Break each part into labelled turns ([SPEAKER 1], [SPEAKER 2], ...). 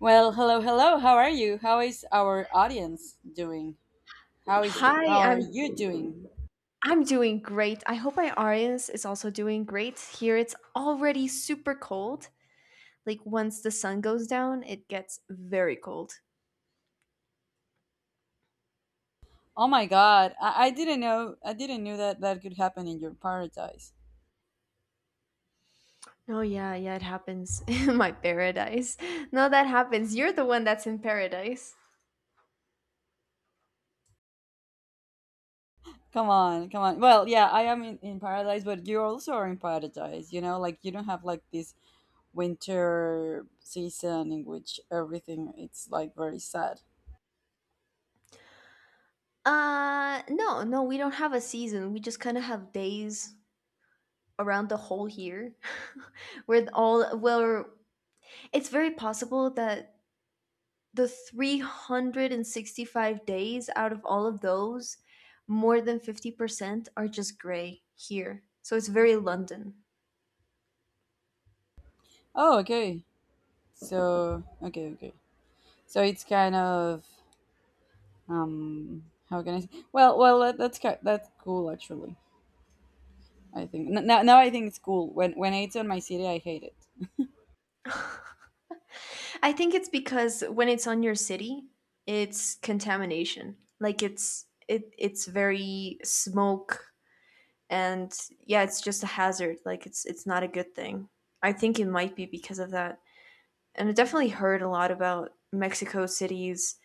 [SPEAKER 1] Well, hello, hello. How are you? How is our audience doing? How is
[SPEAKER 2] Hi,
[SPEAKER 1] how are
[SPEAKER 2] I'm
[SPEAKER 1] you doing?
[SPEAKER 2] I'm doing great. I hope my audience is also doing great. Here it's already super cold. Like once the sun goes down, it gets very cold.
[SPEAKER 1] Oh my God, I didn't know I didn't knew that that could happen in your paradise.
[SPEAKER 2] Oh yeah, yeah, it happens in my paradise. No, that happens. You're the one that's in paradise.
[SPEAKER 1] Come on, come on. Well, yeah, I am in paradise, but you also are in paradise. You know, like you don't have like this winter season in which everything it's like very sad.
[SPEAKER 2] No, no, we don't have a season. We just kind of have days around the whole year where all well, it's very possible that the 365 days out of all of those, more than 50% are just gray here. So it's very London.
[SPEAKER 1] Oh, okay. So okay. So it's kind of how can I say? Well that's cool actually. I think now I think it's cool. When it's on my city, I hate it.
[SPEAKER 2] I think it's because when it's on your city, it's contamination. Like it's very smoke and yeah, it's just a hazard. Like it's not a good thing. I think it might be because of that. And I definitely heard a lot about Mexico cities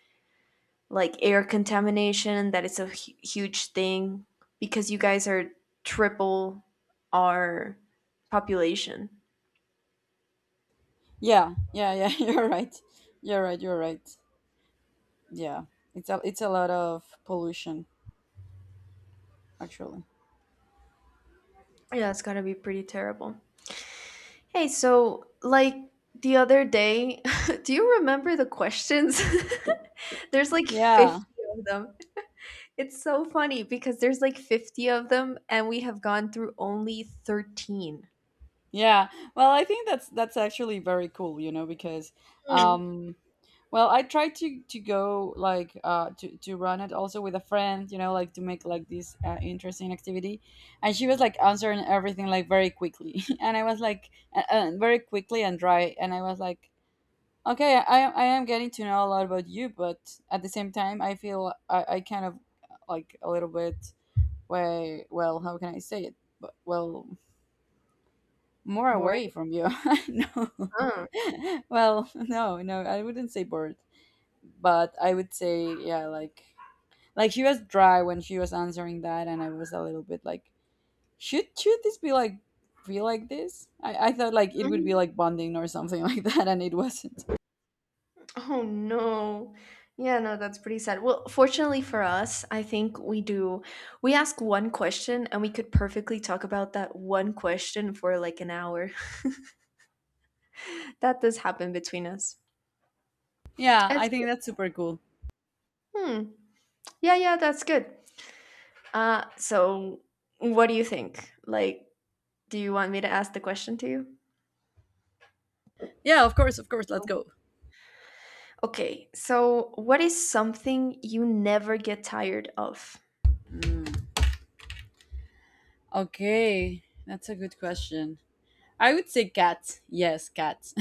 [SPEAKER 2] like air contamination that it's a huge thing because you guys are triple our population.
[SPEAKER 1] Yeah. You're right. You're right. You're right. Yeah, it's a lot of pollution actually.
[SPEAKER 2] Yeah, it's got to be pretty terrible. Hey, so like the other day, do you remember the questions? There's like 50
[SPEAKER 1] Yeah,
[SPEAKER 2] of them. It's so funny because there's like 50 of them and we have gone through only 13.
[SPEAKER 1] yeah. Well, I think that's actually very cool. You know, because
[SPEAKER 2] Hmm.
[SPEAKER 1] um, well, I try to go like to run it also with a friend. You know, like to make like this interesting activity, and she was like answering everything like very quickly, and I was like very quickly and dry, and I was like, okay, I am getting to know a lot about you, but at the same time, I feel I kind of like a little bit way. Well, how can I say it? But well, more away
[SPEAKER 2] Boring,
[SPEAKER 1] from you. No,
[SPEAKER 2] huh?
[SPEAKER 1] well, no, no, I wouldn't say bored, but I would say, yeah, like she was dry when she was answering that, and I was a little bit like, should this be like feel like this? I thought like it would be
[SPEAKER 2] Mhm.
[SPEAKER 1] like bonding or something like that, and it wasn't.
[SPEAKER 2] Oh no. Yeah, no, that's pretty sad. Well, fortunately for us, I think we do. We ask one question and we could perfectly talk about that one question for like an hour. That does happen between us.
[SPEAKER 1] Yeah,
[SPEAKER 2] That's,
[SPEAKER 1] I think that's super cool.
[SPEAKER 2] hmm. Yeah, yeah, that's good. So what do you think? Like, do you want me to ask the question to you?
[SPEAKER 1] Yeah, of course, of course. Let's go.
[SPEAKER 2] Okay, so what is something you never get tired of?
[SPEAKER 1] Mm, okay, that's a good question. I would say cats. Yes, cats.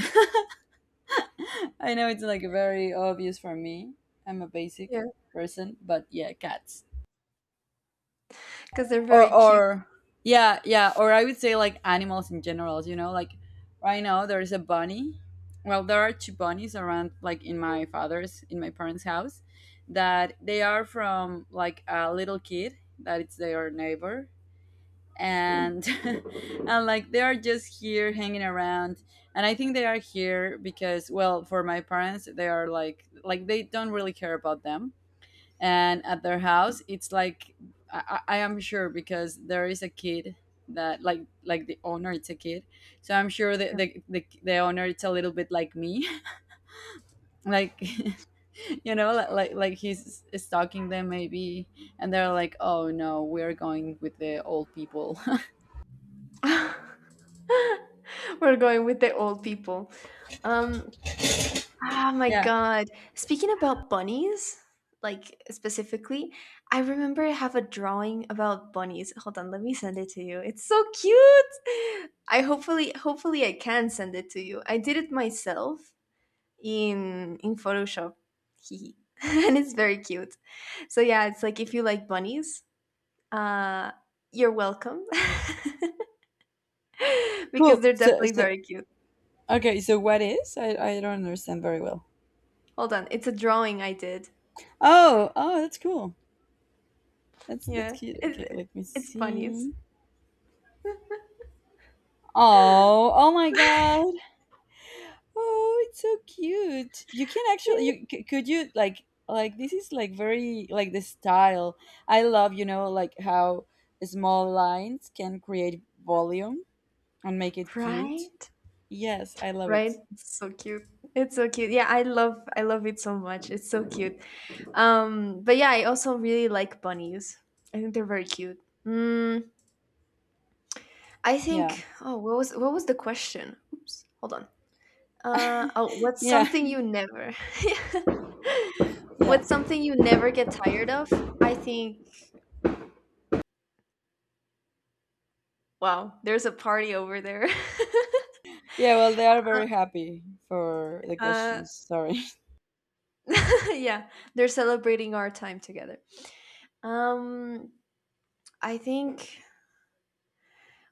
[SPEAKER 1] I know it's like very obvious for me. I'm a
[SPEAKER 2] Yeah.
[SPEAKER 1] basic person, but yeah, cats.
[SPEAKER 2] Because they're very
[SPEAKER 1] Or
[SPEAKER 2] cute.
[SPEAKER 1] or yeah, yeah. Or I would say like animals in general. You know, like right now there is a bunny. Well, there are two bunnies around, like in my father's, in my parents' house, that they are from like a little kid that it's their neighbor
[SPEAKER 2] Hmm.
[SPEAKER 1] and and like they are just here hanging around and I think they are here because, well, for my parents they are like they don't really care about them, and at their house it's like i, I am sure because there is a kid that like the owner it's a kid, so I'm sure the
[SPEAKER 2] Yeah.
[SPEAKER 1] the, the, the owner it's a little bit like me like you know like he's stalking them maybe, and they're like, oh no, we're going with the old people.
[SPEAKER 2] We're going with the old people. Um, ah, my
[SPEAKER 1] Yeah,
[SPEAKER 2] God. Speaking about bunnies, like specifically, I remember I have a drawing about bunnies. Hold on, let me send it to you. It's so cute. I hopefully, hopefully, I can send it to you. I did it myself in Photoshop, hee and it's very cute. So yeah, it's like if you like bunnies, uh, you're welcome because
[SPEAKER 1] cool,
[SPEAKER 2] they're
[SPEAKER 1] so
[SPEAKER 2] definitely
[SPEAKER 1] so,
[SPEAKER 2] very cute.
[SPEAKER 1] okay, so what is? I don't understand very well.
[SPEAKER 2] Hold on, it's a drawing I did.
[SPEAKER 1] Oh, oh, that's cool. That's
[SPEAKER 2] Yeah,
[SPEAKER 1] cute.
[SPEAKER 2] it
[SPEAKER 1] Okay, let me
[SPEAKER 2] it's funny, it's
[SPEAKER 1] see. Oh, oh my god. Oh, it's so cute. You can actually you could you like this is like very like the style. I love, you know, like how small lines can create volume and make it cute.
[SPEAKER 2] right?
[SPEAKER 1] Yes, I love it.
[SPEAKER 2] Right? It's so cute. It's so cute. Yeah, I love it so much. It's so cute. But yeah, I also really like bunnies. I think they're very cute. Mm, I
[SPEAKER 1] Yeah.
[SPEAKER 2] think. Oh, what was the question? Oops, hold on. Oh, what's
[SPEAKER 1] Yeah.
[SPEAKER 2] something you never?
[SPEAKER 1] Yeah.
[SPEAKER 2] What's something you never get tired of? I think. Wow, there's a party over there.
[SPEAKER 1] Yeah, well, they are very happy for the
[SPEAKER 2] Uh,
[SPEAKER 1] questions. Sorry.
[SPEAKER 2] yeah, they're celebrating our time together. Um, I think.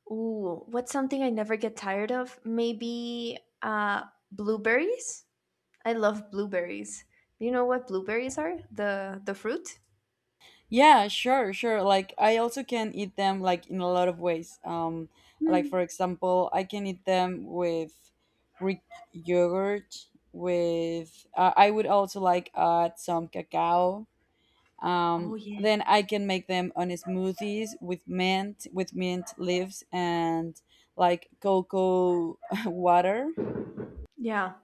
[SPEAKER 2] Ooh, what's something I never get tired of? Maybe blueberries. I love blueberries. Do you know what blueberries are? The fruit.
[SPEAKER 1] Yeah, sure, sure. Like I also can eat them like in a lot of ways.
[SPEAKER 2] Hmm.
[SPEAKER 1] Like for example, I can eat them with Greek yogurt. With I would also like add some cacao.
[SPEAKER 2] Oh yeah.
[SPEAKER 1] Then I can make them on smoothies with mint leaves and like cocoa water.
[SPEAKER 2] Yeah,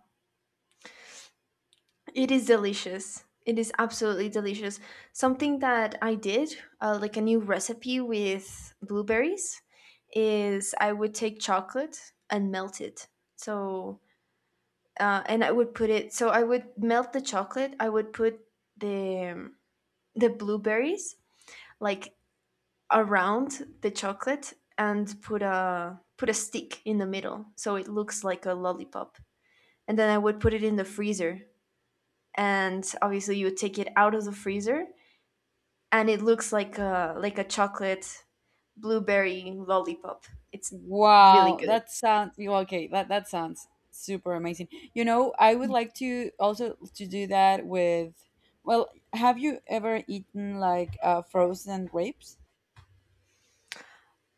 [SPEAKER 2] it is delicious. It is absolutely delicious. Something that I did, like a new recipe with blueberries, is I would take chocolate and melt it. So and I would put it. So I would melt the chocolate. I would put the um, the blueberries like around the chocolate and put a stick in the middle, so it looks like a lollipop. And then I would put it in the freezer, and obviously you would take it out of the freezer, and it looks like a chocolate blueberry lollipop. It's really
[SPEAKER 1] Wow,
[SPEAKER 2] good.
[SPEAKER 1] that sounds you okay. That that sounds super amazing. You know, I would like to also to do that with. Well, have you ever eaten like frozen grapes?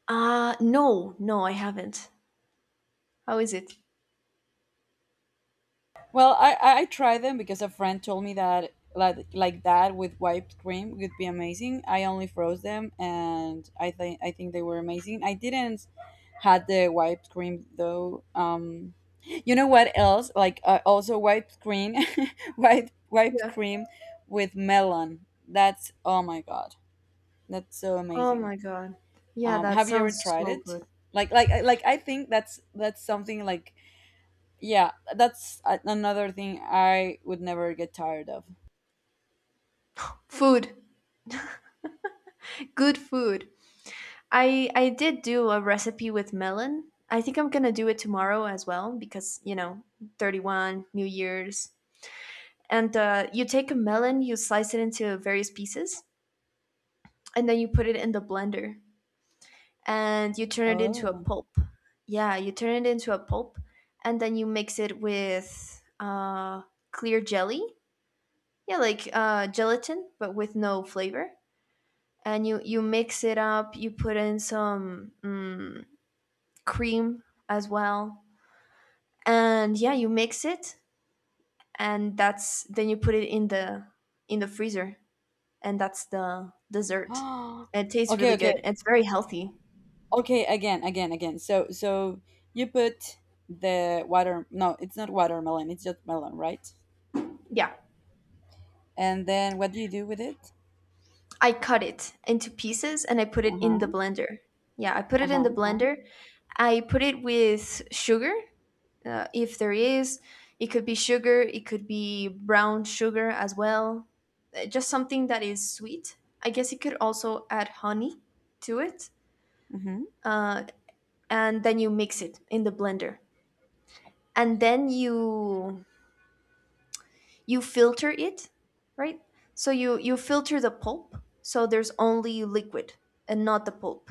[SPEAKER 2] No, no, I haven't. How is it?
[SPEAKER 1] Well, I tried them because a friend told me that like that with whipped cream would be amazing. I only froze them, and I think they were amazing. I didn't had the whipped cream though. You know what else? Like also whipped cream, white whipped
[SPEAKER 2] Yeah.
[SPEAKER 1] cream with melon. That's oh my god, that's so
[SPEAKER 2] Oh
[SPEAKER 1] amazing.
[SPEAKER 2] my God. Yeah, that
[SPEAKER 1] Have you ever
[SPEAKER 2] sounds
[SPEAKER 1] tried
[SPEAKER 2] so
[SPEAKER 1] it?
[SPEAKER 2] good.
[SPEAKER 1] Like I think that's something like yeah, that's another thing I would never get tired of.
[SPEAKER 2] Food. Good food. I did do a recipe with melon. I think I'm gonna do it tomorrow as well because, you know, 31, New Year's. And you take a melon, you slice it into various pieces, and then you put it in the blender and you turn it into a
[SPEAKER 1] Oh.
[SPEAKER 2] pulp. Yeah, you turn it into a pulp and then you mix it with clear jelly. Yeah, like gelatin, but with no flavor and you mix it up. You put in some mm, cream as well, and yeah, you mix it, and that's then you put it in the freezer, and that's the dessert. It tastes
[SPEAKER 1] Okay,
[SPEAKER 2] really
[SPEAKER 1] okay.
[SPEAKER 2] good. It's very healthy.
[SPEAKER 1] Okay, again, again, again. So so you put the water, no, it's not watermelon, it's just melon, right?
[SPEAKER 2] Yeah,
[SPEAKER 1] And then what do you do with it?
[SPEAKER 2] I cut it into pieces and I put it in the
[SPEAKER 1] Uh-huh.
[SPEAKER 2] blender. Yeah, I put it in
[SPEAKER 1] Uh-huh.
[SPEAKER 2] the
[SPEAKER 1] Uh-huh.
[SPEAKER 2] blender. I put it with sugar, if there is. It could be sugar, it could be brown sugar as well. Just something that is sweet. I guess you could also add honey to it,
[SPEAKER 1] Mhm.
[SPEAKER 2] uh, and then you mix it in the blender, and then you filter it, right? So you filter the pulp, so there's only liquid and not the pulp,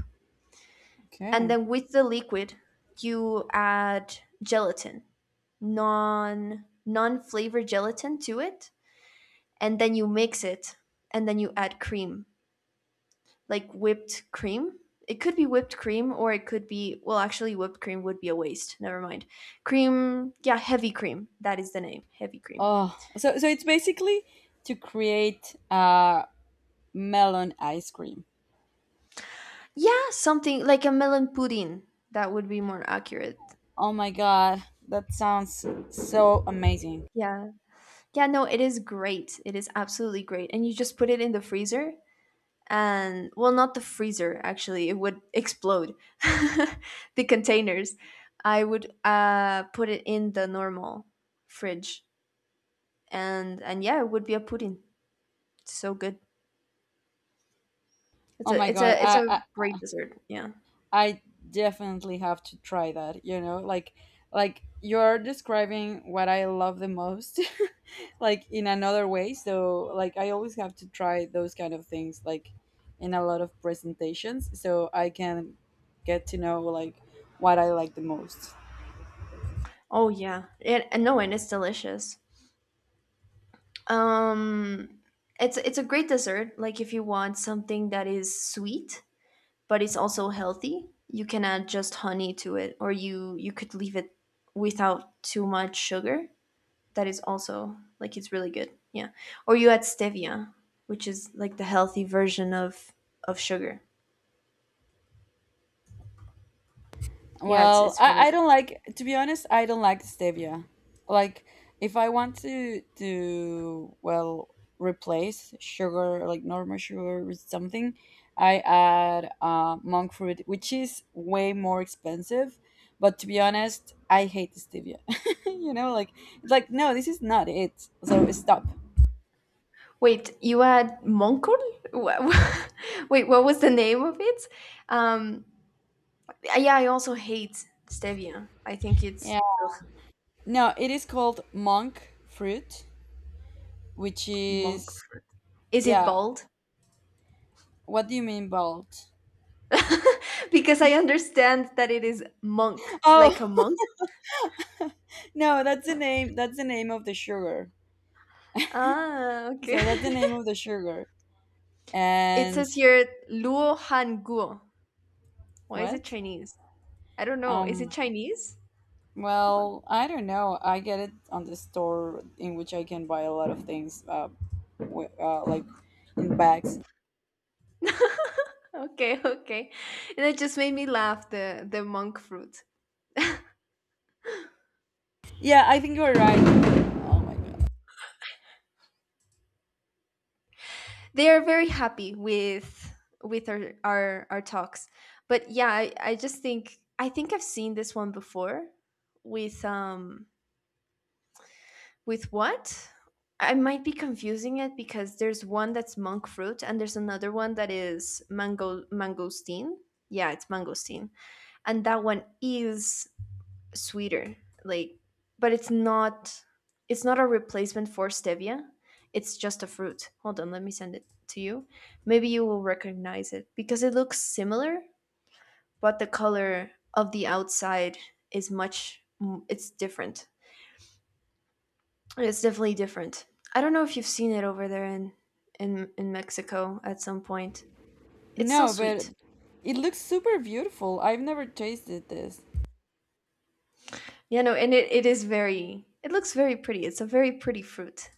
[SPEAKER 2] and
[SPEAKER 1] Okay.
[SPEAKER 2] then with the liquid you add gelatin, non flavored gelatin to it, and then you mix it, and then you add cream like whipped cream. It could be whipped cream or it could be well actually whipped cream would be a waste. Never mind. Cream, yeah, heavy cream. That is the name, heavy cream.
[SPEAKER 1] Oh, so so it's basically to create melon ice cream.
[SPEAKER 2] Yeah, something like a melon pudding. That would be more accurate.
[SPEAKER 1] Oh my god, that sounds so amazing.
[SPEAKER 2] Yeah. Yeah, no, it is great. It is absolutely great. And you just put it in the freezer and well not the freezer actually. It would explode. The containers. I would put it in the normal fridge and yeah, it would be a pudding. So good. It's
[SPEAKER 1] Oh
[SPEAKER 2] a
[SPEAKER 1] my
[SPEAKER 2] it's
[SPEAKER 1] god,
[SPEAKER 2] a it's a great dessert. Yeah.
[SPEAKER 1] I definitely have to try that, you know? Like you're describing what I love the most like in another way. So like I always have to try those kind of things like in a lot of presentations so I can get to know like what I like the most.
[SPEAKER 2] Oh yeah. It, and no, and it's delicious. Um, it's a great dessert. Like if you want something that is sweet but it's also healthy, you can add just honey to it, or you could leave it without too much sugar. That is also like it's really good. Yeah. Or you add stevia, which is like the healthy version of sugar. Yeah, it's
[SPEAKER 1] Well,
[SPEAKER 2] it's really
[SPEAKER 1] I
[SPEAKER 2] good.
[SPEAKER 1] don't like, to be honest, I don't like stevia. Like, if I want well, replace sugar, like normal sugar with something, I add monk fruit, which is way more expensive. But to be honest, I hate stevia. You know, like, it's like, no, this is not it. So stop.
[SPEAKER 2] Wait, you had Moncol? Wha- wha- Wait, what was the name of it? Um, yeah, I also hate stevia. I think it's
[SPEAKER 1] Yeah.
[SPEAKER 2] ugh,
[SPEAKER 1] No, it is called monk fruit, which
[SPEAKER 2] monk
[SPEAKER 1] is,
[SPEAKER 2] fruit. Is it
[SPEAKER 1] yeah.
[SPEAKER 2] bald?
[SPEAKER 1] What do you mean, bald?
[SPEAKER 2] Because I understand that it is monk, like a
[SPEAKER 1] Oh,
[SPEAKER 2] monk.
[SPEAKER 1] no, that's the name. That's the name of the sugar.
[SPEAKER 2] Ah, okay.
[SPEAKER 1] So that's the name of the sugar.
[SPEAKER 2] It
[SPEAKER 1] And
[SPEAKER 2] says here Luo Han Guo. Why is it
[SPEAKER 1] what?
[SPEAKER 2] Chinese? I don't know. Is it
[SPEAKER 1] Um.
[SPEAKER 2] Chinese? Hold on.
[SPEAKER 1] Well, I don't know. I get it on the store in which I can buy a lot of things. Like in bags.
[SPEAKER 2] Okay, okay. And it just made me laugh, the monk fruit.
[SPEAKER 1] Yeah, I think you're right. Oh my god.
[SPEAKER 2] They are very happy with our talks, but yeah, I just think I think I've seen this one before with um with what I might be confusing it because there's one that's monk fruit and there's another one that is mangosteen. Yeah, it's mangosteen, and that one is sweeter, like, but it's not, it's not a replacement for stevia, it's just a fruit. Hold on, let me send it to you. Maybe you will recognize it because it looks similar, but the color of the outside is much, it's different, it's definitely different. I don't know if you've seen it over there in Mexico at some point. It's still
[SPEAKER 1] No, but
[SPEAKER 2] sweet.
[SPEAKER 1] it looks super beautiful. I've never tasted this.
[SPEAKER 2] Yeah, no, and it is very, it looks very pretty, it's a very pretty fruit.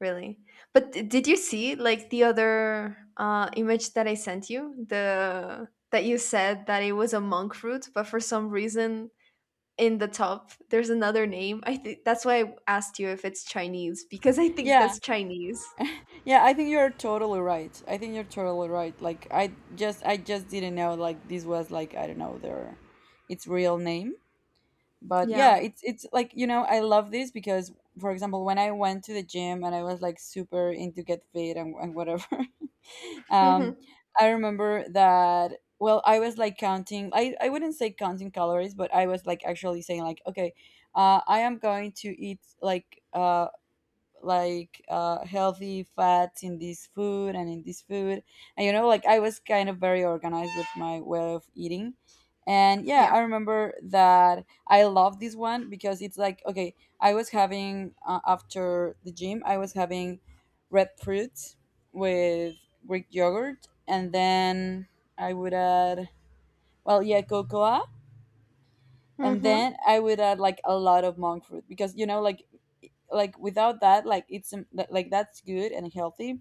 [SPEAKER 2] Really? But d did you see like the other image that I sent you? The that you said that it was a monk fruit, but for some reason in the top there's another name. I think that's why I asked you if it's Chinese because I think
[SPEAKER 1] Yeah.
[SPEAKER 2] that's Chinese.
[SPEAKER 1] Yeah, I think you're totally right. I think you're totally right. Like I just didn't know like this was like I don't know their its real name. But yeah,
[SPEAKER 2] Yeah.
[SPEAKER 1] it's like, you know, I love this because for example, when I went to the gym and I was like super into get fit and whatever.
[SPEAKER 2] Mm-hmm.
[SPEAKER 1] um I remember that, well, I was like counting I wouldn't say counting calories, but I was like actually saying like, okay, I am going to eat like healthy fats in this food and in this food, and you know like I was kind of very organized with my way of eating, and yeah,
[SPEAKER 2] Yeah.
[SPEAKER 1] I remember that I love this one because it's like okay, I was having after the gym I was having red fruits with Greek yogurt, and then I would add, well, yeah, cocoa, and
[SPEAKER 2] Mm-hmm.
[SPEAKER 1] then I would add like a lot of monk fruit because you know like without that like it's like that's good and healthy,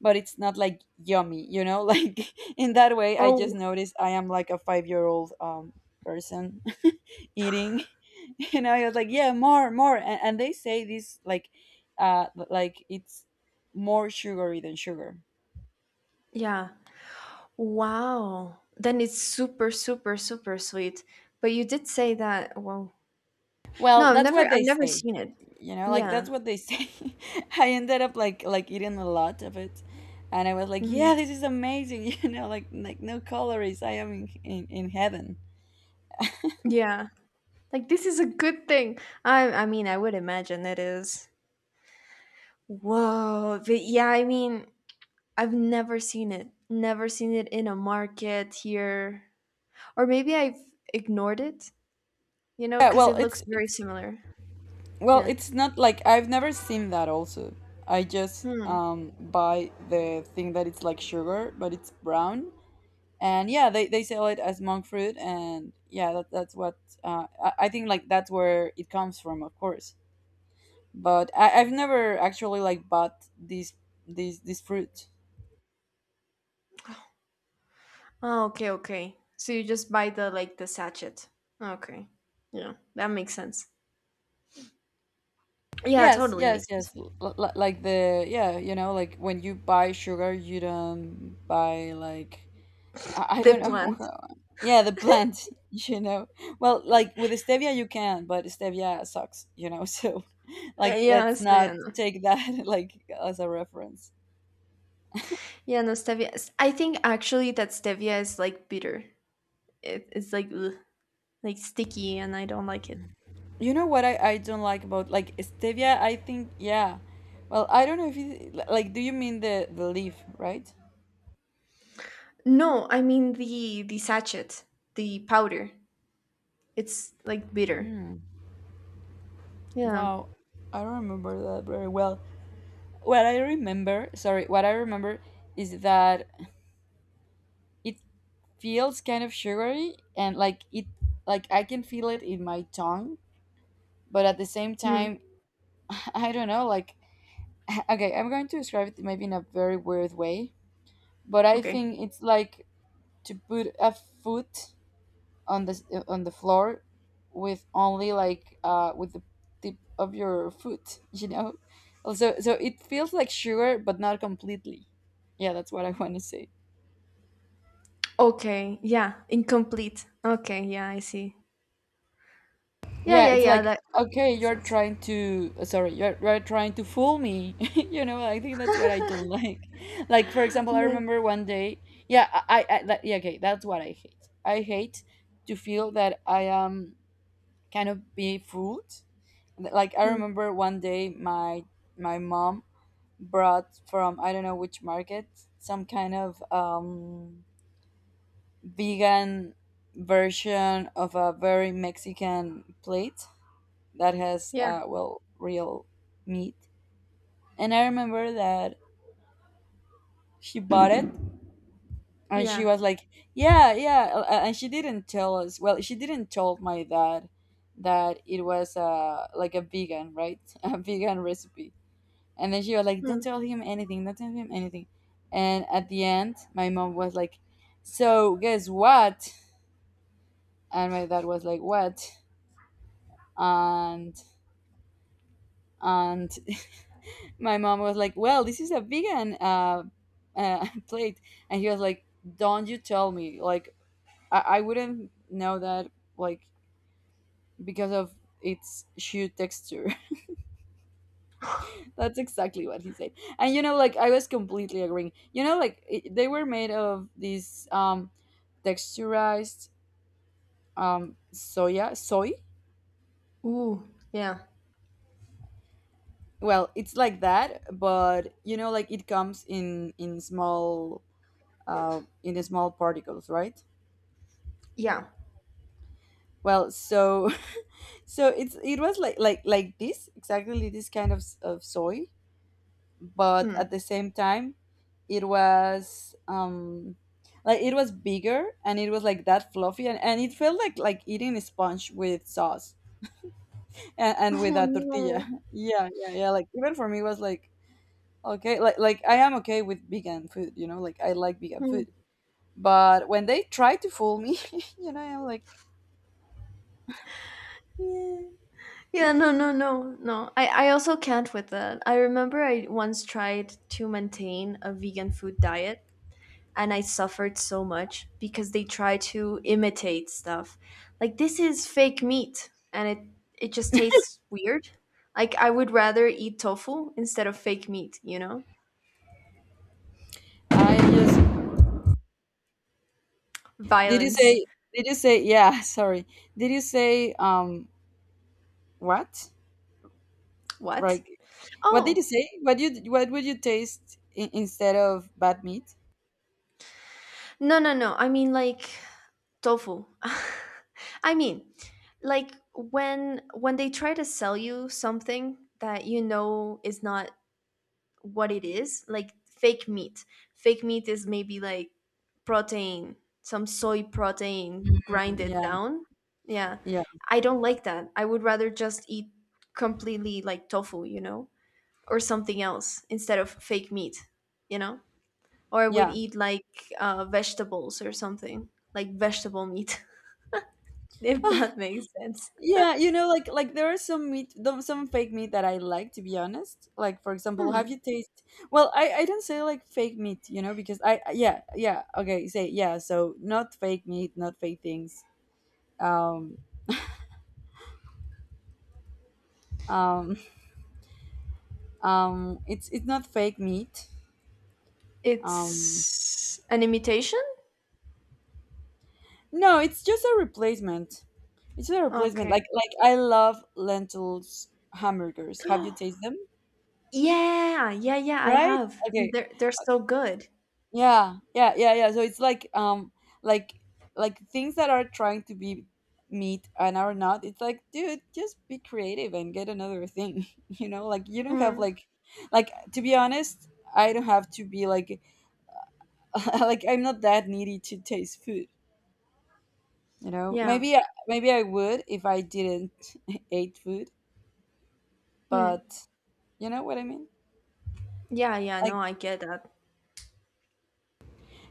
[SPEAKER 1] but it's not like yummy you know like in that way I just
[SPEAKER 2] Oh,
[SPEAKER 1] noticed I am like a 5-year-old person eating and I was like yeah more more and they say this like it's more sugary than sugar.
[SPEAKER 2] yeah. Wow. Then it's super, super, super sweet. But you did say that. Well, no,
[SPEAKER 1] Well,
[SPEAKER 2] I've
[SPEAKER 1] that's
[SPEAKER 2] never,
[SPEAKER 1] what
[SPEAKER 2] I've
[SPEAKER 1] they
[SPEAKER 2] never
[SPEAKER 1] say,
[SPEAKER 2] seen it.
[SPEAKER 1] you know, like
[SPEAKER 2] Yeah.
[SPEAKER 1] that's what they say. I ended up like eating a lot of it, and I was like yeah
[SPEAKER 2] Hmm.
[SPEAKER 1] this is amazing you know like no calories I am in heaven.
[SPEAKER 2] Yeah. Like this is a good thing. I mean I would imagine it is. Whoa. But yeah, I mean I've never seen it. Never seen it in a market here. Or maybe I've ignored it, you know,
[SPEAKER 1] Yeah
[SPEAKER 2] because
[SPEAKER 1] well
[SPEAKER 2] it looks
[SPEAKER 1] it's
[SPEAKER 2] very
[SPEAKER 1] it's
[SPEAKER 2] similar.
[SPEAKER 1] well
[SPEAKER 2] Yeah.
[SPEAKER 1] it's not like I've never seen that also. I just
[SPEAKER 2] Hmm.
[SPEAKER 1] buy the thing that it's like sugar but it's brown, and yeah they sell it as monk fruit, and yeah that's what I think like that's where it comes from of course, but I've never actually like bought this fruit.
[SPEAKER 2] Oh, okay, okay. So you just buy the like the sachet. Okay. Yeah, that makes sense. Yeah,
[SPEAKER 1] Yes,
[SPEAKER 2] totally makes
[SPEAKER 1] yes, yes.
[SPEAKER 2] sense.
[SPEAKER 1] Like the yeah, you know, like when you buy sugar, you don't buy like I
[SPEAKER 2] The
[SPEAKER 1] don't know.
[SPEAKER 2] plant.
[SPEAKER 1] Yeah, the plant. You know, well, like with stevia you can, but stevia sucks. You know, so like
[SPEAKER 2] Yeah,
[SPEAKER 1] let's not
[SPEAKER 2] stevia. No.
[SPEAKER 1] take that like as a reference.
[SPEAKER 2] Yeah, no stevia. I think actually that stevia is like bitter. It's like ugh, like sticky and I don't like it.
[SPEAKER 1] You know what I don't like about like stevia? I think yeah. Well, I don't know if you like. Do you mean the leaf, right?
[SPEAKER 2] No, I mean the sachet, the powder. It's like bitter. Yeah.
[SPEAKER 1] Wow, I don't remember that very well. What I remember, sorry, what I remember is that it feels kind of sugary and like it like I can feel it in my tongue, but at the same
[SPEAKER 2] Mm.
[SPEAKER 1] time, I don't know, like okay, I'm going to describe it maybe in a very weird way, but I
[SPEAKER 2] Okay.
[SPEAKER 1] think it's like to put a foot on on the floor with only like with the tip of your foot you know also, so it feels like sugar but not completely. Yeah, that's what I want to say.
[SPEAKER 2] Okay. Yeah. Incomplete. Okay. Yeah, I see. Yeah,
[SPEAKER 1] Yeah,
[SPEAKER 2] yeah,
[SPEAKER 1] it's
[SPEAKER 2] yeah.
[SPEAKER 1] like
[SPEAKER 2] That
[SPEAKER 1] okay,
[SPEAKER 2] makes
[SPEAKER 1] you're
[SPEAKER 2] sense.
[SPEAKER 1] trying to you're trying to fool me. You know, I think that's what I don't like. Like for example, I
[SPEAKER 2] Yeah.
[SPEAKER 1] remember one day. Yeah, yeah, okay, that's what I hate. I hate to feel that I am kind of being fooled. Like I
[SPEAKER 2] Mm.
[SPEAKER 1] remember one day my mom brought from I don't know which market some kind of vegan version of a very Mexican plate that has
[SPEAKER 2] Yeah.
[SPEAKER 1] well, real meat. And I remember that she bought it and she
[SPEAKER 2] Yeah.
[SPEAKER 1] was like yeah, yeah, and she didn't tell us, well, she didn't tell my dad that it was like a vegan, right? A vegan recipe. And then she was like, "Don't
[SPEAKER 2] Mm.
[SPEAKER 1] tell him anything. Don't tell him anything." And at the end, my mom was like, "So guess what?" And my dad was like, "What?" And and my mom was like, "Well, this is a vegan plate," and he was like, "Don't you tell me? Like, I wouldn't know that. Like, because of its shoe texture." That's exactly what he said. And you know, like I was completely agreeing. You know, like it, they were made of this texturized soy.
[SPEAKER 2] Ooh. Yeah.
[SPEAKER 1] Well, it's like that, but you know, like it comes in small in small particles, right?
[SPEAKER 2] Yeah.
[SPEAKER 1] Well, so so it was like like this, exactly this kind of soy, but at
[SPEAKER 2] Mm.
[SPEAKER 1] the same time it was like it was bigger and it was like that fluffy, and it felt like eating a sponge with sauce and with
[SPEAKER 2] Oh
[SPEAKER 1] a tortilla.
[SPEAKER 2] no.
[SPEAKER 1] Yeah, yeah, yeah, like even for me it was like okay, like I am okay with vegan food. You know, like I like vegan
[SPEAKER 2] Mm.
[SPEAKER 1] food, but when they try to fool me, you know, I'm like
[SPEAKER 2] Yeah. No. No. No. No. I also can't with that. I remember I once tried to maintain a vegan food diet and I suffered so much because they try to imitate stuff. Like this is fake meat and it just tastes weird. Like I would rather eat tofu instead of fake meat, you know?
[SPEAKER 1] I just did you
[SPEAKER 2] Violence.
[SPEAKER 1] say did you say yeah, sorry, did you say what?
[SPEAKER 2] What?
[SPEAKER 1] Right. What did you
[SPEAKER 2] Oh.
[SPEAKER 1] say? What would you taste in, instead of bad meat?
[SPEAKER 2] No, no, no. I mean like tofu. I mean, like when they try to sell you something that you know is not what it is, like fake meat. Fake meat is maybe like protein, some soy protein grinded
[SPEAKER 1] Yeah,
[SPEAKER 2] down. Yeah,
[SPEAKER 1] yeah,
[SPEAKER 2] I don't like that. I would rather just eat completely like tofu, you know, or something else instead of fake meat you know or I would
[SPEAKER 1] yeah,
[SPEAKER 2] eat like vegetables or something, like vegetable meat. If that makes sense.
[SPEAKER 1] yeah. You know, like there are some meat, some fake meat that I like, to be honest. Like for example, have
[SPEAKER 2] Hmm.
[SPEAKER 1] you tasted? Well, I don't say like fake meat, you know, because I yeah, yeah, okay, say yeah. So not fake meat, not fake things. Um um um. It's not fake meat. Um.
[SPEAKER 2] It's an imitation.
[SPEAKER 1] No, it's just a replacement. It's a replacement. Like
[SPEAKER 2] Okay.
[SPEAKER 1] like I love lentils hamburgers. Have you tasted them?
[SPEAKER 2] Yeah, yeah, yeah, I
[SPEAKER 1] Right?
[SPEAKER 2] have. And
[SPEAKER 1] Okay.
[SPEAKER 2] they're so good.
[SPEAKER 1] Yeah. Yeah. Yeah. Yeah. So it's like like like things that are trying to be meat and are not. It's like, dude, just be creative and get another thing. You know, like you don't have
[SPEAKER 2] Mm.
[SPEAKER 1] like to be honest, I don't have to be like like I'm not that needy to taste food. You know,
[SPEAKER 2] Yeah.
[SPEAKER 1] maybe I would if I didn't eat food,
[SPEAKER 2] Mm.
[SPEAKER 1] but you know what I mean?
[SPEAKER 2] Yeah, yeah, no,
[SPEAKER 1] Like.
[SPEAKER 2] I get that.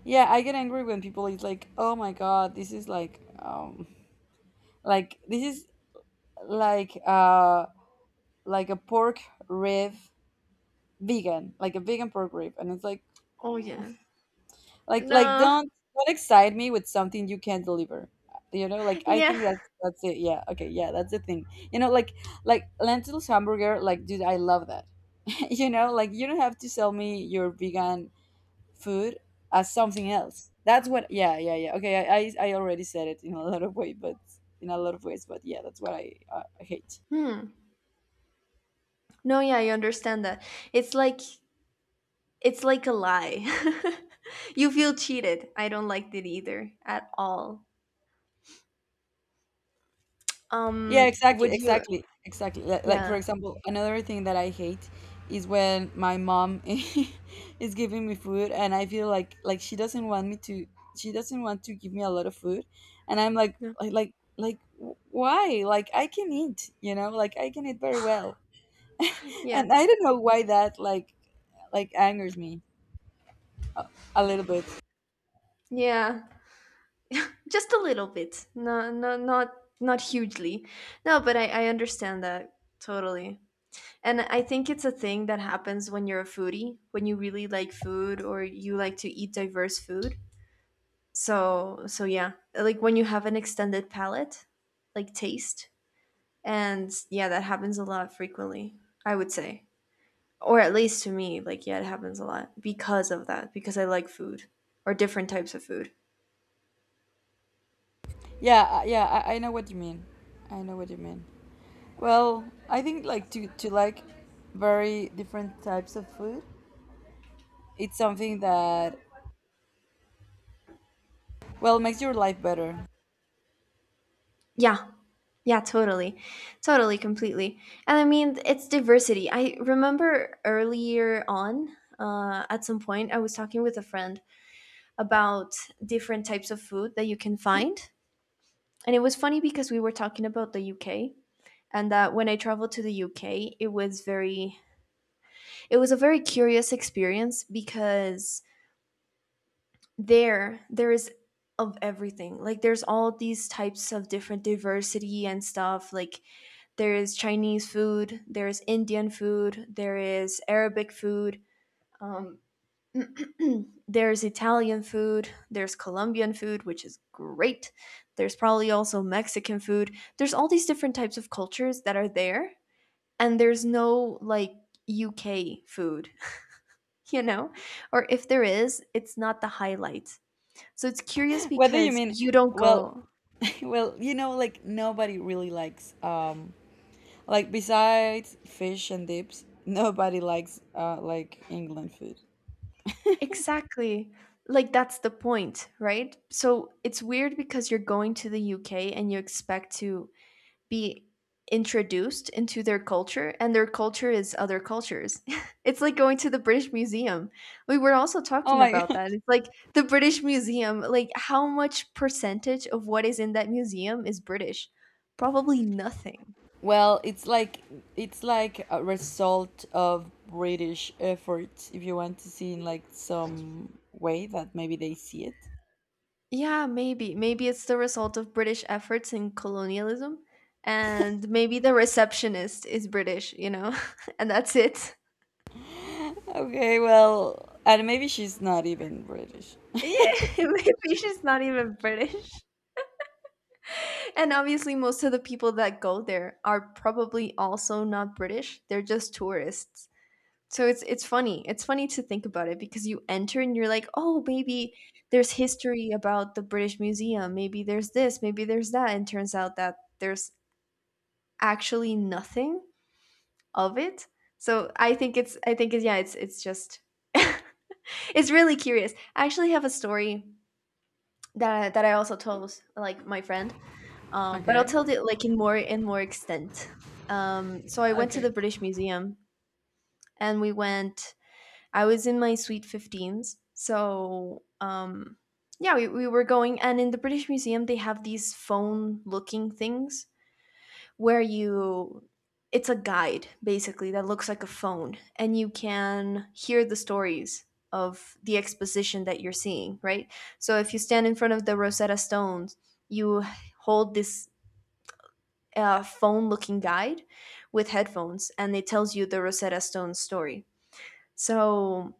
[SPEAKER 1] Yeah, I get angry when people is like, "Oh my god, this is like this is like uh like a pork rib vegan, like a vegan pork rib." And it's like
[SPEAKER 2] Oh
[SPEAKER 1] mm,
[SPEAKER 2] yeah.
[SPEAKER 1] like
[SPEAKER 2] No.
[SPEAKER 1] don't excite me with something you can't deliver. You know, like I
[SPEAKER 2] Yeah.
[SPEAKER 1] think that's it. Yeah. Okay, yeah, that's the thing. You know, like lentils hamburger, like dude, I love that. You know, like you don't have to sell me your vegan food as something else. That's what. Yeah, yeah, yeah. Okay, I already said it in a lot of ways, but yeah, that's what I hate.
[SPEAKER 2] Hmm. No, yeah, I understand that. It's like it's like a lie. You feel cheated. I don't like it either at all.
[SPEAKER 1] Yeah, exactly,
[SPEAKER 2] Would you.
[SPEAKER 1] exactly, exactly. Like for
[SPEAKER 2] Yeah.
[SPEAKER 1] example, another thing that I hate is when my mom is giving me food, and I feel like she doesn't want me to. She doesn't want to give me a lot of food, and I'm like
[SPEAKER 2] No.
[SPEAKER 1] why, like I can eat, you know, like I can eat very well.
[SPEAKER 2] Yeah.
[SPEAKER 1] And I don't know why that like angers me a little bit.
[SPEAKER 2] Yeah. Just a little bit. No, no, not not hugely. No, but I understand that totally. And I think it's a thing that happens when you're a foodie, when you really like food or you like to eat diverse food. So, so yeah, like when you have an extended palate, like taste. And yeah, that happens a lot frequently, I would say. Or at least to me, like, yeah, it happens a lot because of that, because I like food or different types of food.
[SPEAKER 1] Yeah, yeah, I know what you mean. I know what you mean. Well, I think like to like very different types of food, it's something that well makes your life better.
[SPEAKER 2] Yeah. Yeah, totally. Totally, completely. And I mean, it's diversity. I remember earlier on, at some point, I was talking with a friend about different types of food that you can find. And it was funny because we were talking about the UK, and that when I traveled to the UK, it was very, it was a very curious experience because there is of everything. Like there's all these types of different diversity and stuff. Like there is Chinese food, there is Indian food, there is Arabic food, um, there's Italian food, there's Colombian food, which is great. There's probably also Mexican food. There's all these different types of cultures that are there, and there's no like UK food, you know? Or if there is, it's not the highlight. So it's curious
[SPEAKER 1] What do you
[SPEAKER 2] because
[SPEAKER 1] mean?
[SPEAKER 2] you don't
[SPEAKER 1] Well,
[SPEAKER 2] go.
[SPEAKER 1] well, you know, like nobody really likes like besides fish and dips, nobody likes like England food.
[SPEAKER 2] Exactly. Like that's the point, right? So it's weird because you're going to the UK and you expect to be introduced into their culture, and their culture is other cultures. It's like going to the British Museum. We were also
[SPEAKER 1] Oh
[SPEAKER 2] talking
[SPEAKER 1] my.
[SPEAKER 2] about that. It's like the British Museum, like how much percentage of what is in that museum is British? Probably nothing.
[SPEAKER 1] Well, it's like a result of British efforts, if you want to see in like some way that maybe they see it.
[SPEAKER 2] Yeah, maybe. Maybe it's the result of British efforts in colonialism. And maybe the receptionist is British, you know? And that's it.
[SPEAKER 1] Okay, well, and maybe she's not even British.
[SPEAKER 2] Yeah, maybe she's not even British. And obviously, most of the people that go there are probably also not British. They're just tourists. So it's funny. It's funny to think about it because you enter and you're like, oh, maybe there's history about the British Museum. Maybe there's this. Maybe there's that. And turns out that there's actually nothing of it. So I think it's yeah. It's just it's really curious. I actually have a story that I also told like my friend, but I'll
[SPEAKER 1] Okay.
[SPEAKER 2] tell it like in more extent. So I went to
[SPEAKER 1] Okay.
[SPEAKER 2] the British Museum, and we went. I was in my sweet fifteens, so yeah, we were going. And in the British Museum, they have these phone-looking things where you. It's a guide basically that looks like a phone, and you can hear the stories of the exposition that you're seeing, right? So if you stand in front of the Rosetta Stones, you hold this a phone looking guide with headphones, and it tells you the Rosetta Stone story. So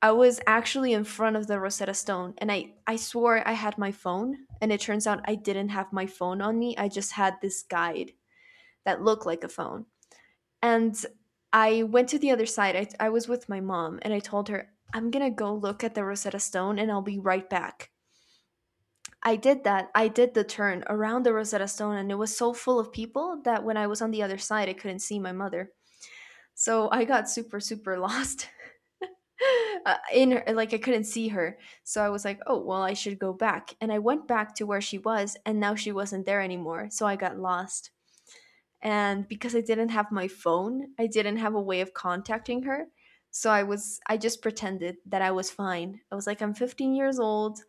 [SPEAKER 2] I was actually in front of the Rosetta Stone, and I swore I had my phone. And it turns out I didn't have my phone on me. I just had this guide that looked like a phone. And I went to the other side. I was with my mom and I told her, I'm going to go look at the Rosetta Stone and I'll be right back. I did that. I did the turn around the Rosetta Stone, and it was so full of people that when I was on the other side, I couldn't see my mother. So I got super, super lost. In her, like I couldn't see her. So I was like, oh, well, I should go back. And I went back to where she was, and now she wasn't there anymore. So I got lost, and because I didn't have my phone, I didn't have a way of contacting her. So I just pretended that I was fine. I was like I'm 15 years old.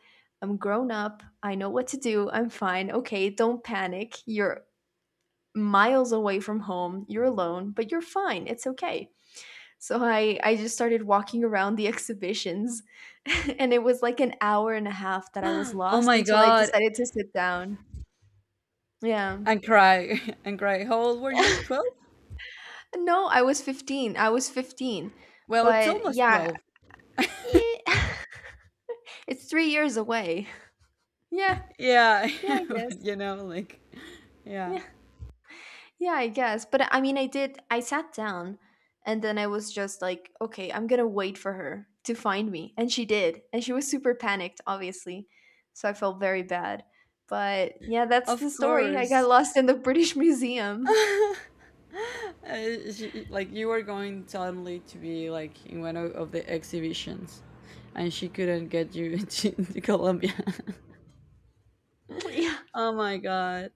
[SPEAKER 2] I'm grown up. I know what to do. I'm fine. Okay, don't panic. You're miles away from home. You're alone, but you're fine. It's okay. So I just started walking around the exhibitions and it was like an hour and a half that I was
[SPEAKER 1] Oh
[SPEAKER 2] lost
[SPEAKER 1] my
[SPEAKER 2] until I
[SPEAKER 1] god.
[SPEAKER 2] decided to sit down. Yeah.
[SPEAKER 1] And cry. And cry. How old were you? 12?
[SPEAKER 2] No, I was 15. I was 15.
[SPEAKER 1] Well, it's
[SPEAKER 2] But
[SPEAKER 1] almost
[SPEAKER 2] yeah,
[SPEAKER 1] 12.
[SPEAKER 2] eh, it's 3 years away. Yeah,
[SPEAKER 1] Yeah.
[SPEAKER 2] yeah, I guess.
[SPEAKER 1] But you know, like, yeah.
[SPEAKER 2] Yeah, yeah, I guess. But I mean, I did, I sat down and then I was just like, okay, I'm gonna wait for her to find me. And she did. And she was super panicked, obviously. So I felt very bad. But yeah, that's
[SPEAKER 1] Of
[SPEAKER 2] the story. I got
[SPEAKER 1] course.
[SPEAKER 2] lost in the British Museum.
[SPEAKER 1] She, like you were going suddenly to be like in one of the exhibitions, and she couldn't get you to Colombia.
[SPEAKER 2] Yeah.
[SPEAKER 1] Oh my god!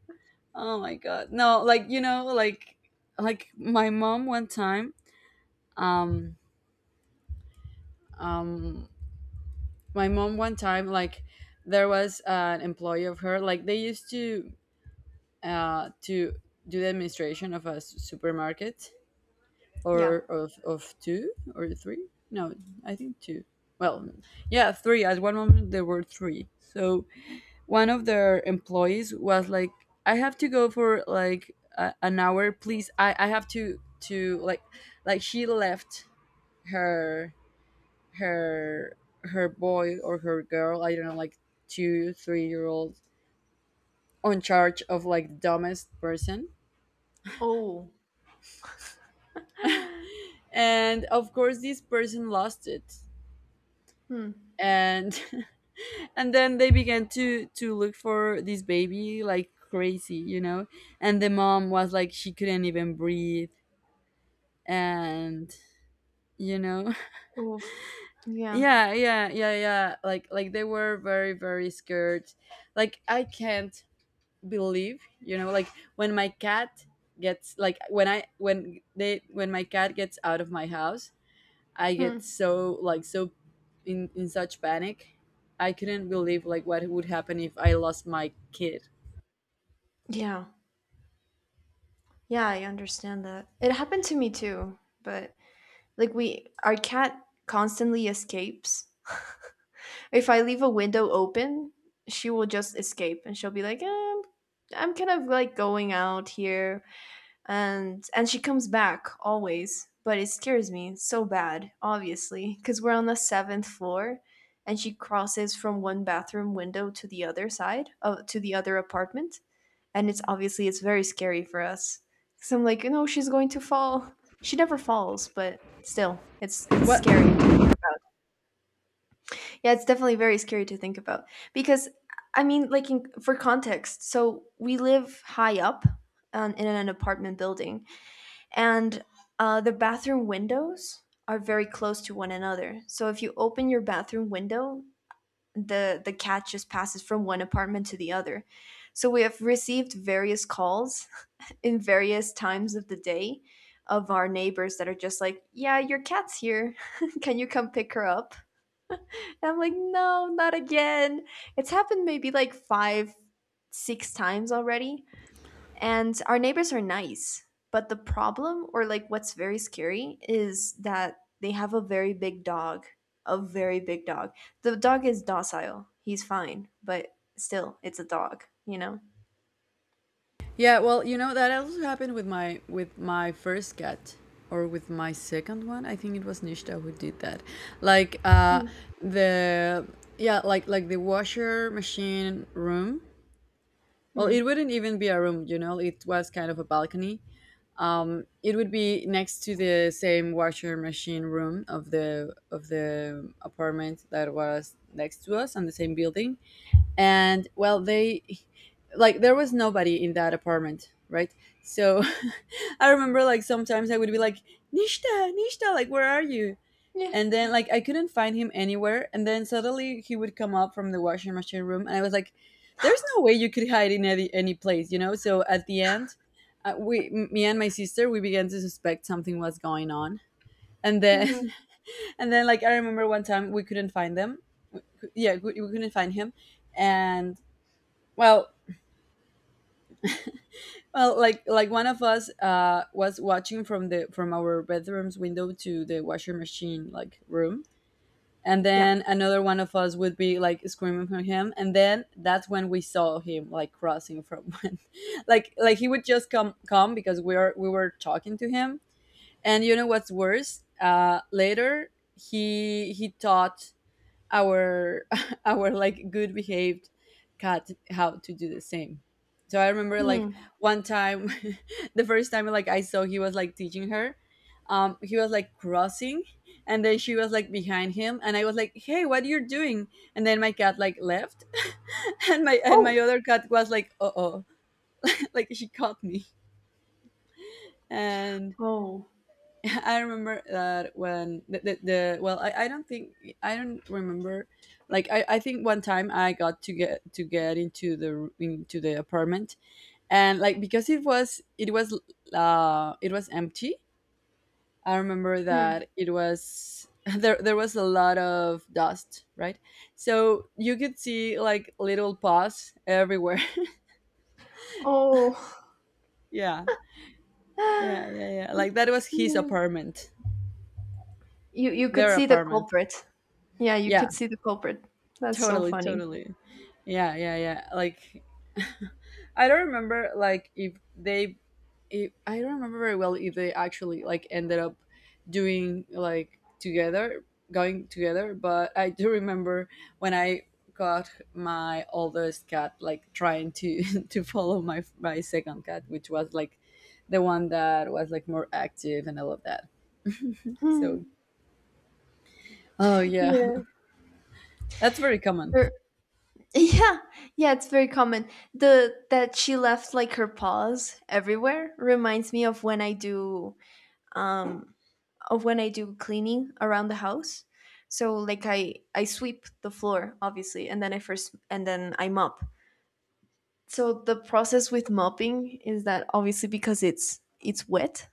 [SPEAKER 1] Oh my god! No, like you know, like my mom one time. Um, um, my mom one time, like there was an employee of her. Like they used to uh to do the administration of a supermarket,
[SPEAKER 2] Yeah.
[SPEAKER 1] or of two or three? No, I think two. Well, yeah, three. At one moment there were three. So one of their employees was like, "I have to go for like a, an hour, please. I have to to like like she left her her her boy or her girl. I don't know, like 2 3 year old on charge of like dumbest person."
[SPEAKER 2] Oh.
[SPEAKER 1] And of course, this person lost it,
[SPEAKER 2] Hmm.
[SPEAKER 1] and and then they began to look for this baby like crazy, you know. And the mom was like she couldn't even breathe, and you know.
[SPEAKER 2] Oof. Yeah.
[SPEAKER 1] Yeah, yeah, yeah, yeah, like they were very, very scared, like I can't believe, you know, like when my cat gets like when I when they when my cat gets out of my house, I get
[SPEAKER 2] Hmm.
[SPEAKER 1] so like so in such panic. I couldn't believe, like what would happen if I lost my kid.
[SPEAKER 2] Yeah. Yeah, I understand that. It happened to me too, but like we our cat constantly escapes. If I leave a window open, she will just escape and she'll be like, eh, I'm kind of like going out here, and she comes back always, but it scares me so bad, obviously, cuz we're on the 7th floor and she crosses from one bathroom window to the other side of to the other apartment, and it's obviously it's very scary for us because I'm like, you know, she's going to fall. She never falls, but still, it's
[SPEAKER 1] What?
[SPEAKER 2] scary to think about. Yeah, it's definitely very scary to think about because I mean, like for context, so we live high up, in an apartment building, and the bathroom windows are very close to one another, so if you open your bathroom window, the cat just passes from one apartment to the other. So we have received various calls in various times of the day of our neighbors that are just like, yeah, your cat's here. Can you come pick her up? And I'm like, no, not again. It's happened maybe like five, six times already. And our neighbors are nice. But the problem, or like what's very scary, is that they have a very big dog. A very big dog. The dog is docile. He's fine, but still, it's a dog, you know?
[SPEAKER 1] Yeah, well, you know that also happened with my first cat or with my second one. I think it was Nishta who did that. Like
[SPEAKER 2] Hmm.
[SPEAKER 1] the yeah, like the washer machine room. Well,
[SPEAKER 2] Hmm.
[SPEAKER 1] it wouldn't even be a room, you know. It was kind of a balcony. Um, it would be next to the same washer machine room of the apartment that was next to us on the same building, and well, they like there was nobody in that apartment, right? So I remember like sometimes I would be like Nishta, Nishta, like where are you?
[SPEAKER 2] Yeah.
[SPEAKER 1] And then like I couldn't find him anywhere, and then suddenly he would come up from the washing machine room, and I was like, there's no way you could hide in any place, you know. So at the end, me and my sister, we began to suspect something was going on, and then
[SPEAKER 2] Hmm.
[SPEAKER 1] and then like I remember one time we couldn't find them. Yeah, we couldn't find him, and well, well, like one of us was watching from the from our bedroom's window to the washer machine like room, and
[SPEAKER 2] Yeah.
[SPEAKER 1] then another one of us would be like screaming for him, and then that's when we saw him like crossing from one, like he would just come because we were talking to him, and you know what's worse? Later he thought our our like good behaved cat how to do the same. So I remember like
[SPEAKER 2] Hmm.
[SPEAKER 1] one time, the first time like I saw he was like teaching her, he was like crossing, and then she was like behind him, and I was like, "Hey, what are you doing?" And then my cat like left, and
[SPEAKER 2] Oh.
[SPEAKER 1] my other cat was like, "Uh oh," like she caught me, and
[SPEAKER 2] Oh.
[SPEAKER 1] I remember that when the well, I don't think I don't remember. Like I think one time I got to get into the apartment, and like because it was empty. I remember
[SPEAKER 2] Mm.
[SPEAKER 1] that it was there was a lot of dust, right? So you could see like little paws everywhere.
[SPEAKER 2] Oh.
[SPEAKER 1] Yeah. Yeah, yeah, yeah. Like that was his
[SPEAKER 2] Yeah.
[SPEAKER 1] apartment.
[SPEAKER 2] You could
[SPEAKER 1] Their
[SPEAKER 2] see the
[SPEAKER 1] apartment.
[SPEAKER 2] culprit. Yeah, you
[SPEAKER 1] Yeah.
[SPEAKER 2] could see the culprit. That's so
[SPEAKER 1] Totally,
[SPEAKER 2] funny.
[SPEAKER 1] totally. Yeah, yeah, yeah. Like I don't remember like if they if, I don't remember very well if they actually like ended up doing like together going together, but I do remember when I got my oldest cat like trying to to follow my second cat, which was like the one that was like more active and all of that.
[SPEAKER 2] Hmm.
[SPEAKER 1] So, oh yeah.
[SPEAKER 2] Yeah.
[SPEAKER 1] That's very common.
[SPEAKER 2] Er, yeah. Yeah, it's very common. The that she left like her paws everywhere reminds me of when I do um of when I do cleaning around the house. So like I sweep the floor obviously, and then I first and then I mop. So the process with mopping is that obviously because it's wet.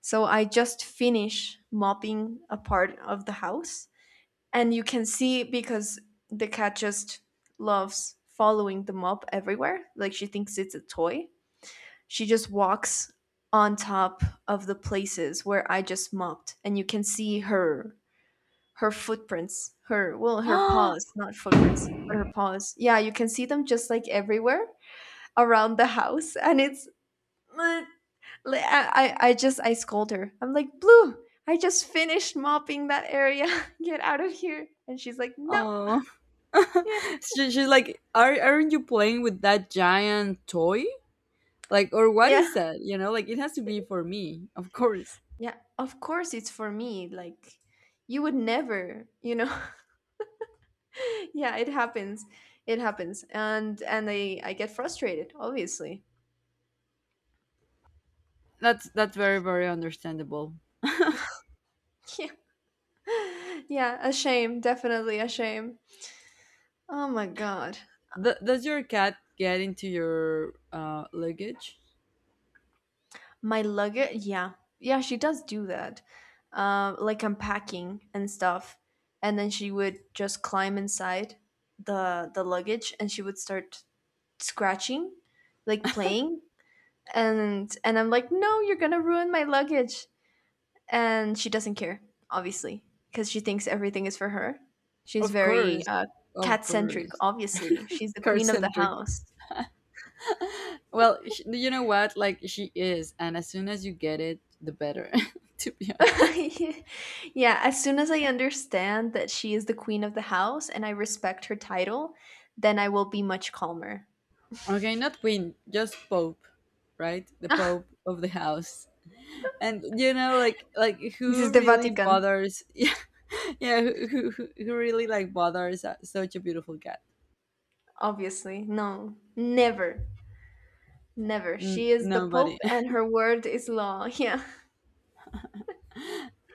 [SPEAKER 2] So I just finish mopping a part of the house and you can see because the cat just loves following the mop everywhere. Like she thinks it's a toy. She just walks on top of the places where I just mopped, and you can see her footprints, her well her paws, not footprints, but her paws. Yeah, you can see them just like everywhere around the house, and it's like, like, I just I scold her. I'm like, Blue, I just finished mopping that area. Get out of here. And she's like, no.
[SPEAKER 1] Oh.
[SPEAKER 2] Yeah,
[SPEAKER 1] She, she's like, aren't you playing with that giant toy? Like, or what
[SPEAKER 2] yeah,
[SPEAKER 1] is that? You know, like it has to be for me, of course.
[SPEAKER 2] yeah. Of course it's for me. Like you would never, you know. Yeah, it happens. It happens. And and I get frustrated, obviously.
[SPEAKER 1] That's very, very understandable.
[SPEAKER 2] Yeah, yeah, a shame, definitely a shame. Oh my god.
[SPEAKER 1] Th- does your cat get into your luggage?
[SPEAKER 2] My luggage, yeah, yeah, she does do that. Like I'm packing and stuff, and then she would just climb inside the luggage, and she would start scratching, like playing, and I'm like, no, you're gonna ruin my luggage, and she doesn't care, obviously, because she thinks everything is for her. She's
[SPEAKER 1] Of
[SPEAKER 2] very
[SPEAKER 1] course, of
[SPEAKER 2] cat centric,
[SPEAKER 1] course,
[SPEAKER 2] obviously. She's the
[SPEAKER 1] car
[SPEAKER 2] queen of the
[SPEAKER 1] centric.
[SPEAKER 2] house.
[SPEAKER 1] Well, sh- you know what? Like she is, and as soon as you get it, the better. To be honest.
[SPEAKER 2] Yeah, as soon as I understand that she is the queen of the house and I respect her title, then I will be much calmer.
[SPEAKER 1] Okay, not queen, just pope, right? The pope of the house. And you know like
[SPEAKER 2] This is
[SPEAKER 1] who
[SPEAKER 2] the
[SPEAKER 1] really
[SPEAKER 2] Vatican,
[SPEAKER 1] bothers yeah yeah who, who really like bothers such a beautiful cat.
[SPEAKER 2] obviously. No, never, never. She
[SPEAKER 1] N-
[SPEAKER 2] is the Pope
[SPEAKER 1] nobody.
[SPEAKER 2] and her word is law. Yeah.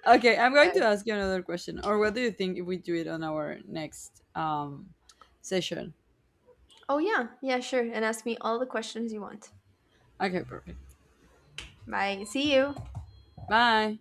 [SPEAKER 1] Okay, I'm
[SPEAKER 2] Yeah.
[SPEAKER 1] going to ask you another question, or what do you think if we do it on our next session?
[SPEAKER 2] Oh, yeah, yeah, sure. And ask me all the questions you want.
[SPEAKER 1] Okay, perfect.
[SPEAKER 2] Bye. See you.
[SPEAKER 1] Bye.